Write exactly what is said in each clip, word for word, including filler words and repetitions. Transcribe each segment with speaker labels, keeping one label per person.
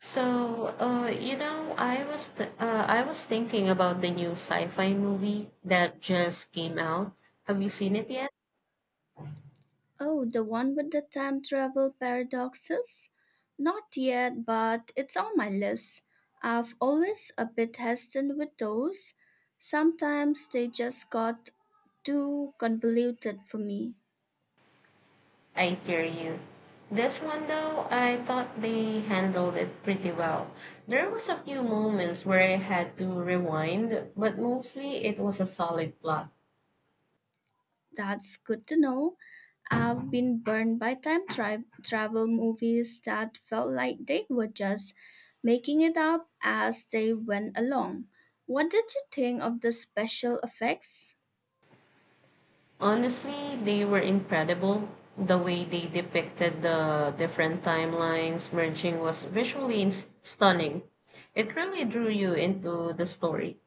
Speaker 1: So, uh, you know, I was th- uh, I was thinking about the new sci-fi movie that just came out. Have you seen it yet?
Speaker 2: Oh, the one with the time travel paradoxes? Not yet, but it's on my list. I've always a bit hesitant with those. Sometimes they just got too convoluted for me.
Speaker 1: I hear you. This one though, I thought they handled it pretty well. There was a few moments where I had to rewind, but mostly it was a solid plot.
Speaker 2: That's good to know. I've been burned by time tri- travel movies that felt like they were just making it up as they went along. What did you think of the special effects?
Speaker 1: Honestly, they were incredible. The way they depicted the different timelines merging was visually ins- stunning. It really drew you into the story.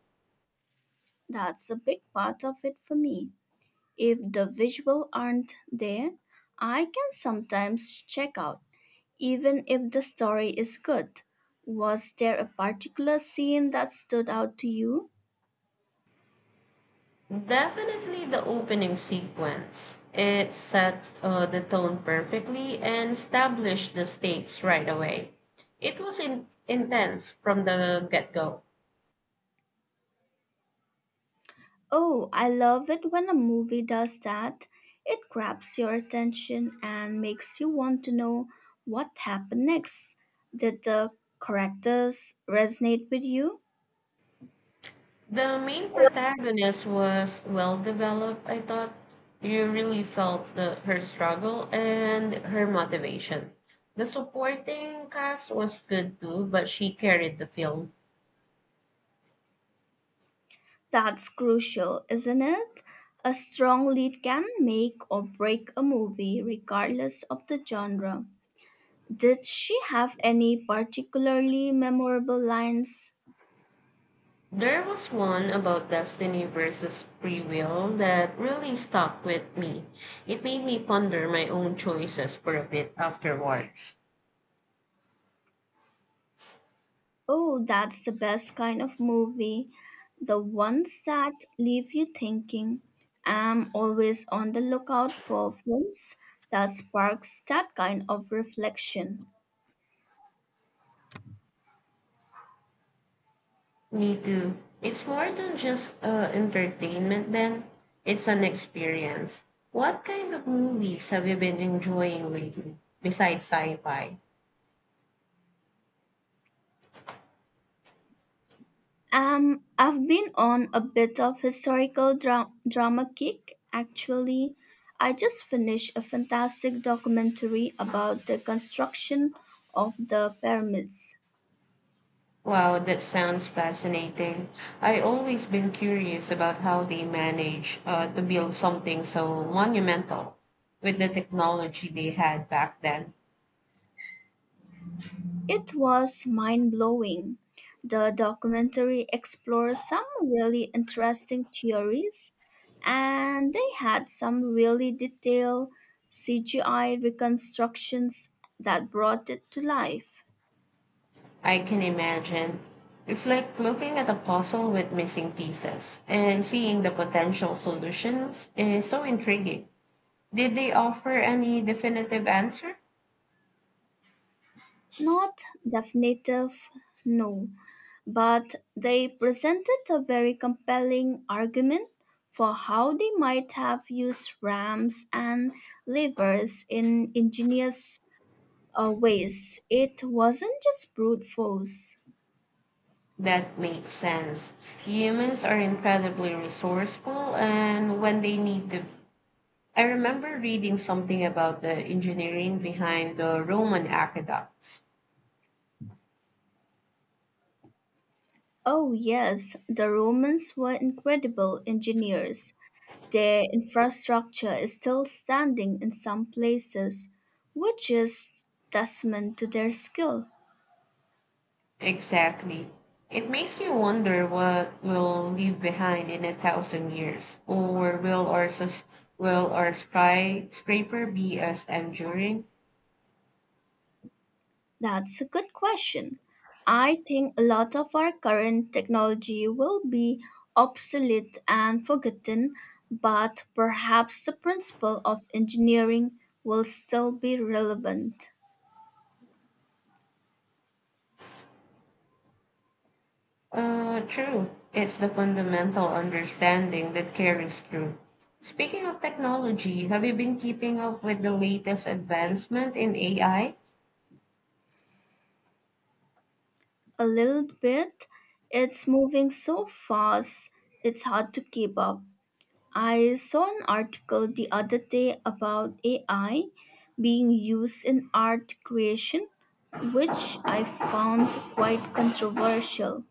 Speaker 2: That's a big part of it for me. If the visuals aren't there, I can sometimes check out, even if the story is good. Was there a particular scene that stood out to you?
Speaker 1: Definitely the opening sequence. It set uh, the tone perfectly and established the stakes right away. It was in- intense from the get go.
Speaker 2: Oh, I love it when a movie does that. It grabs your attention and makes you want to know what happened next. Did the characters resonate with you?
Speaker 1: The main protagonist was well developed, I thought. You really felt the, her struggle and her motivation. The supporting cast was good too, but she carried the film.
Speaker 2: That's crucial, isn't it? A strong lead can make or break a movie, regardless of the genre. Did she have any particularly memorable lines?
Speaker 1: There was one about destiny versus free will that really stuck with me. It made me ponder my own choices for a bit afterwards.
Speaker 2: Oh, that's the best kind of movie. The ones that leave you thinking. I'm always on the lookout for films that sparks that kind of reflection.
Speaker 1: Me too. It's more than just uh, entertainment, then. It's an experience. What kind of movies have you been enjoying lately, besides sci fi?
Speaker 2: Um, I've been on a bit of historical dra- drama kick, actually. I just finished a fantastic documentary about the construction of the pyramids.
Speaker 1: Wow, that sounds fascinating. I always been curious about how they manage uh, to build something so monumental with the technology they had back then.
Speaker 2: It was mind blowing. The documentary explores some really interesting theories, and they had some really detailed C G I reconstructions that brought it to life.
Speaker 1: I can imagine. It's like looking at a puzzle with missing pieces and seeing the potential solutions is so intriguing. Did they offer any definitive answer?
Speaker 2: Not definitive, no, but they presented a very compelling argument for how they might have used ramps and levers in ingenious uh, ways. It wasn't just brute force.
Speaker 1: That makes sense. Humans are incredibly resourceful, and when they need the. I remember reading something about the engineering behind the Roman aqueducts.
Speaker 2: Oh, yes, the Romans were incredible engineers. Their infrastructure is still standing in some places, which is testament to their skill.
Speaker 1: Exactly. It makes you wonder what we'll leave behind in a thousand years, or will our sus- will our skyscraper be as enduring?
Speaker 2: That's a good question. I think a lot of our current technology will be obsolete and forgotten, but perhaps the principle of engineering will still be relevant.
Speaker 1: Uh, true. It's the fundamental understanding that carries through. Speaking of technology, have you been keeping up with the latest advancement in A I?
Speaker 2: A little bit, it's moving so fast, it's hard to keep up. I saw an article the other day about A I being used in art creation, which I found quite controversial.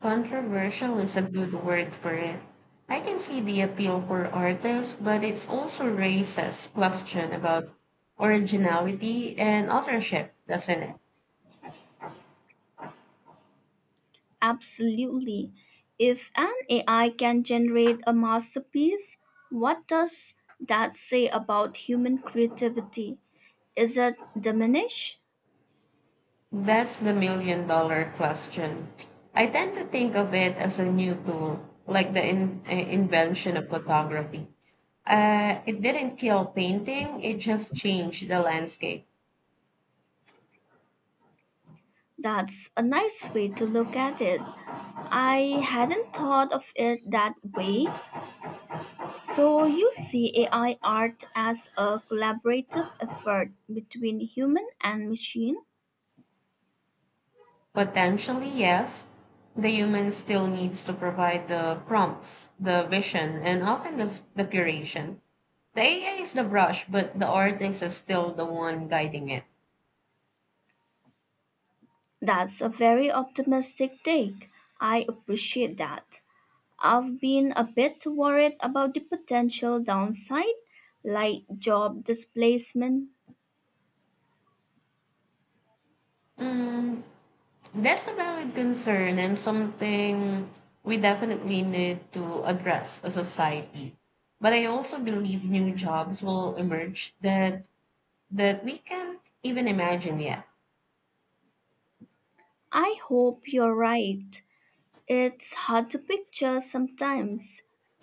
Speaker 1: Controversial is a good word for it. I can see the appeal for artists, but it also raises question about originality and authorship, doesn't it?
Speaker 2: Absolutely. If an A I can generate a masterpiece, what does that say about human creativity? Is it diminished?
Speaker 1: That's the million dollar question. I tend to think of it as a new tool, like the in- eh, invention of photography. Uh, it didn't kill painting, it just changed the landscape.
Speaker 2: That's a nice way to look at it. I hadn't thought of it that way. So, you see A I art as a collaborative effort between human and machine?
Speaker 1: Potentially, yes. The human still needs to provide the prompts, the vision, and often the, the curation. The A I is the brush, but the artist is still the one guiding it.
Speaker 2: That's a very optimistic take. I appreciate that. I've been a bit worried about the potential downside, like job displacement.
Speaker 1: Mm, that's a valid concern and something we definitely need to address as a society. But I also believe new jobs will emerge that that we can't even imagine yet.
Speaker 2: I hope you're right. It's hard to picture sometimes.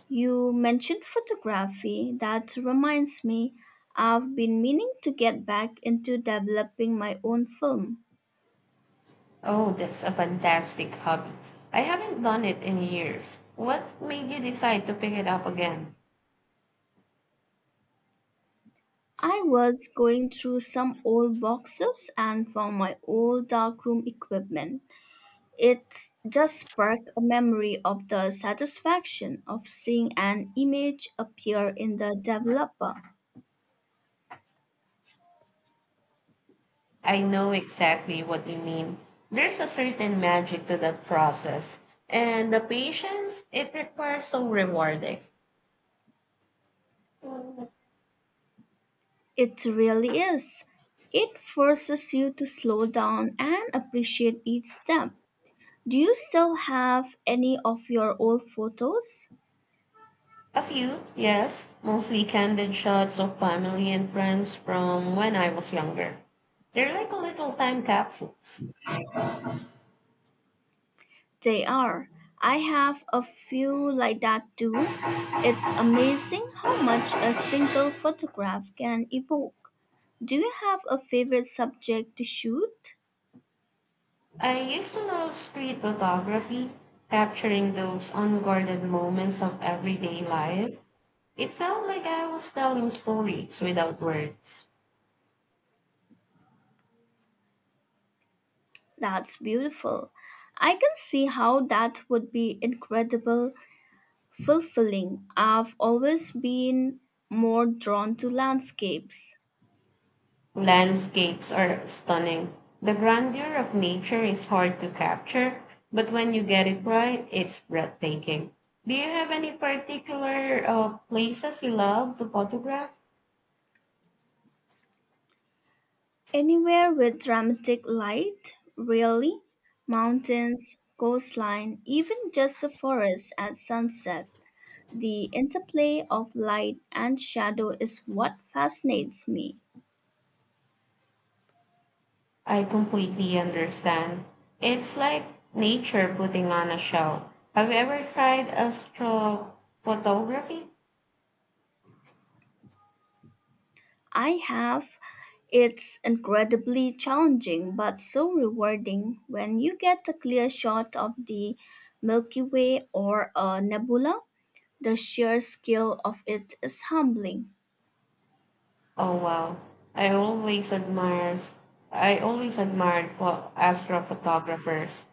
Speaker 2: You mentioned photography. That reminds me, I've been meaning to get back into developing my own film.
Speaker 1: Oh, that's a fantastic hobby. I haven't done it in years. What made you decide to pick it up again?
Speaker 2: I was going through some old boxes and found my old darkroom equipment. It just sparked a memory of the satisfaction of seeing an image appear in the developer.
Speaker 1: I know exactly what you mean. There's a certain magic to that process, and the patience it requires so rewarding.
Speaker 2: It really is. It forces you to slow down and appreciate each step. Do you still have any of your old photos?
Speaker 1: A few, yes, mostly candid shots of family and friends from when I was younger. They're like a little time capsules.
Speaker 2: They are. I have a few like that too. It's amazing how much a single photograph can evoke. Do you have a favorite subject to shoot?
Speaker 1: I used to love street photography, capturing those unguarded moments of everyday life. It felt like I was telling stories without words.
Speaker 2: That's beautiful. I can see how that would be incredible fulfilling. I've always been more drawn to landscapes.
Speaker 1: Landscapes are stunning. The grandeur of nature is hard to capture, but when you get it right, it's breathtaking. Do you have any particular uh, places you love to photograph?
Speaker 2: Anywhere with dramatic light, really? Mountains, coastline, even just a forest at sunset. The interplay of light and shadow is what fascinates me.
Speaker 1: I completely understand. It's like nature putting on a show. Have you ever tried astrophotography?
Speaker 2: I have. It's incredibly challenging but so rewarding when you get a clear shot of the Milky Way or a nebula. The sheer scale of it is humbling.
Speaker 1: Oh wow. I always admire I always admired pho- astrophotographers.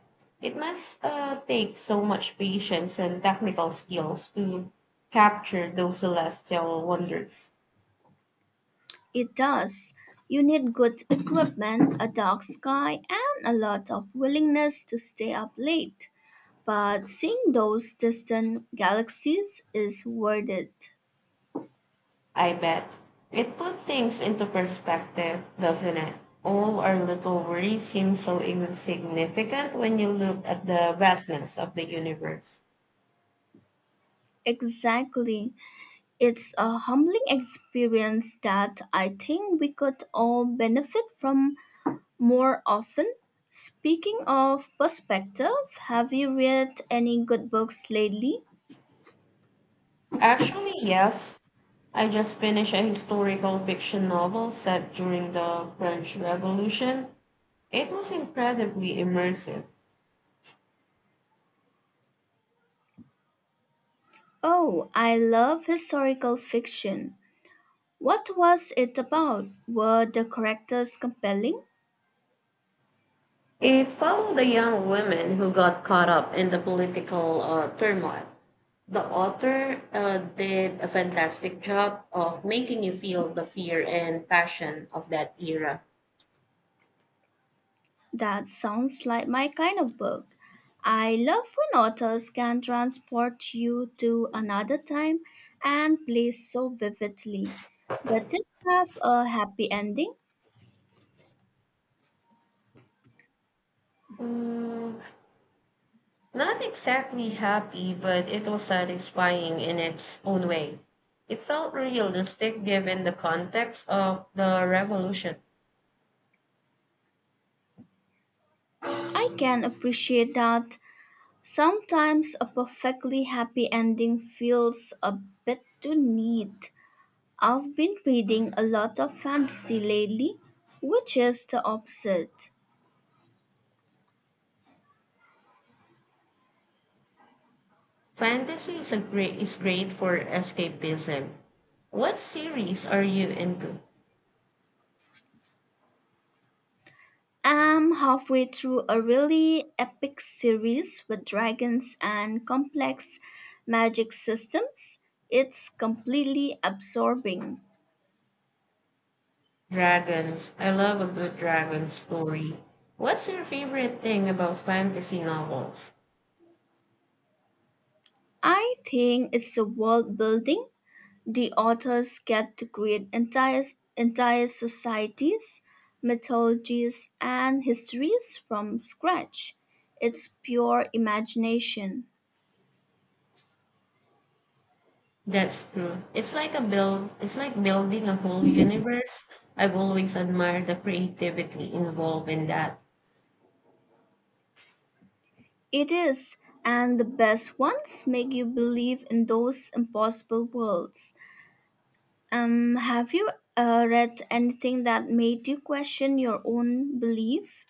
Speaker 1: It must uh, take so much patience and technical skills to capture those celestial wonders.
Speaker 2: It does. You need good equipment, a dark sky, and a lot of willingness to stay up late. But seeing those distant galaxies is worth it.
Speaker 1: I bet. It put things into perspective, doesn't it? All our little worries seem so insignificant when you look at the vastness of the universe.
Speaker 2: Exactly. It's a humbling experience that I think we could all benefit from more often. Speaking of perspective, have you read any good books lately?
Speaker 1: Actually, yes. I just finished a historical fiction novel set during the French Revolution. It was incredibly immersive.
Speaker 2: Oh, I love historical fiction. What was it about? Were the characters compelling?
Speaker 1: It followed a young woman who got caught up in the political uh, turmoil. The author uh, did a fantastic job of making you feel the fear and passion of that era.
Speaker 2: That sounds like my kind of book. I love when authors can transport you to another time and place so vividly. Does it have a happy ending?
Speaker 1: Mm, not exactly happy, but it was satisfying in its own way. It felt realistic given the context of the revolution.
Speaker 2: I can appreciate that. Sometimes a perfectly happy ending feels a bit too neat. I've been reading a lot of fantasy lately, which is the opposite.
Speaker 1: Fantasy is a great is great for escapism. What series are you into?
Speaker 2: I'm halfway through a really epic series with dragons and complex magic systems. It's completely absorbing.
Speaker 1: Dragons. I love a good dragon story. What's your favorite thing about fantasy novels?
Speaker 2: I think it's the world building. The authors get to create entire entire societies, mythologies, and histories from scratch. It's pure imagination.
Speaker 1: That's true. It's like a build it's like building a whole universe. I've always admired the creativity involved in that.
Speaker 2: It is, and the best ones make you believe in those impossible worlds. Um, have you uh, read anything that made you question your own belief?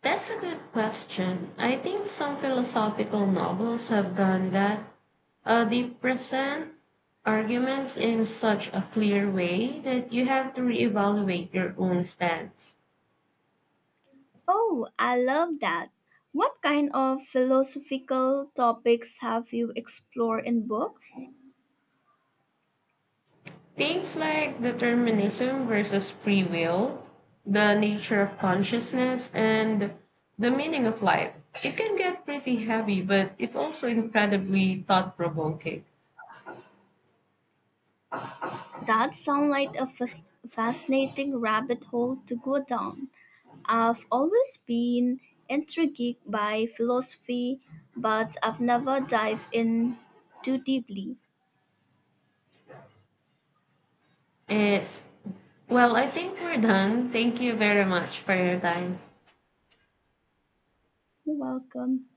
Speaker 1: That's a good question. I think some philosophical novels have done that. Uh, they present arguments in such a clear way that you have to reevaluate your own stance.
Speaker 2: Oh, I love that. What kind of philosophical topics have you explored in books?
Speaker 1: Things like determinism versus free will, the nature of consciousness, and the meaning of life. It can get pretty heavy, but it's also incredibly thought provoking.
Speaker 2: That sounds like a fas- fascinating rabbit hole to go down. I've always been intrigued by philosophy, but I've never dived in too deeply.
Speaker 1: It's well, I think we're done. Thank you very much for your time.
Speaker 2: You're welcome.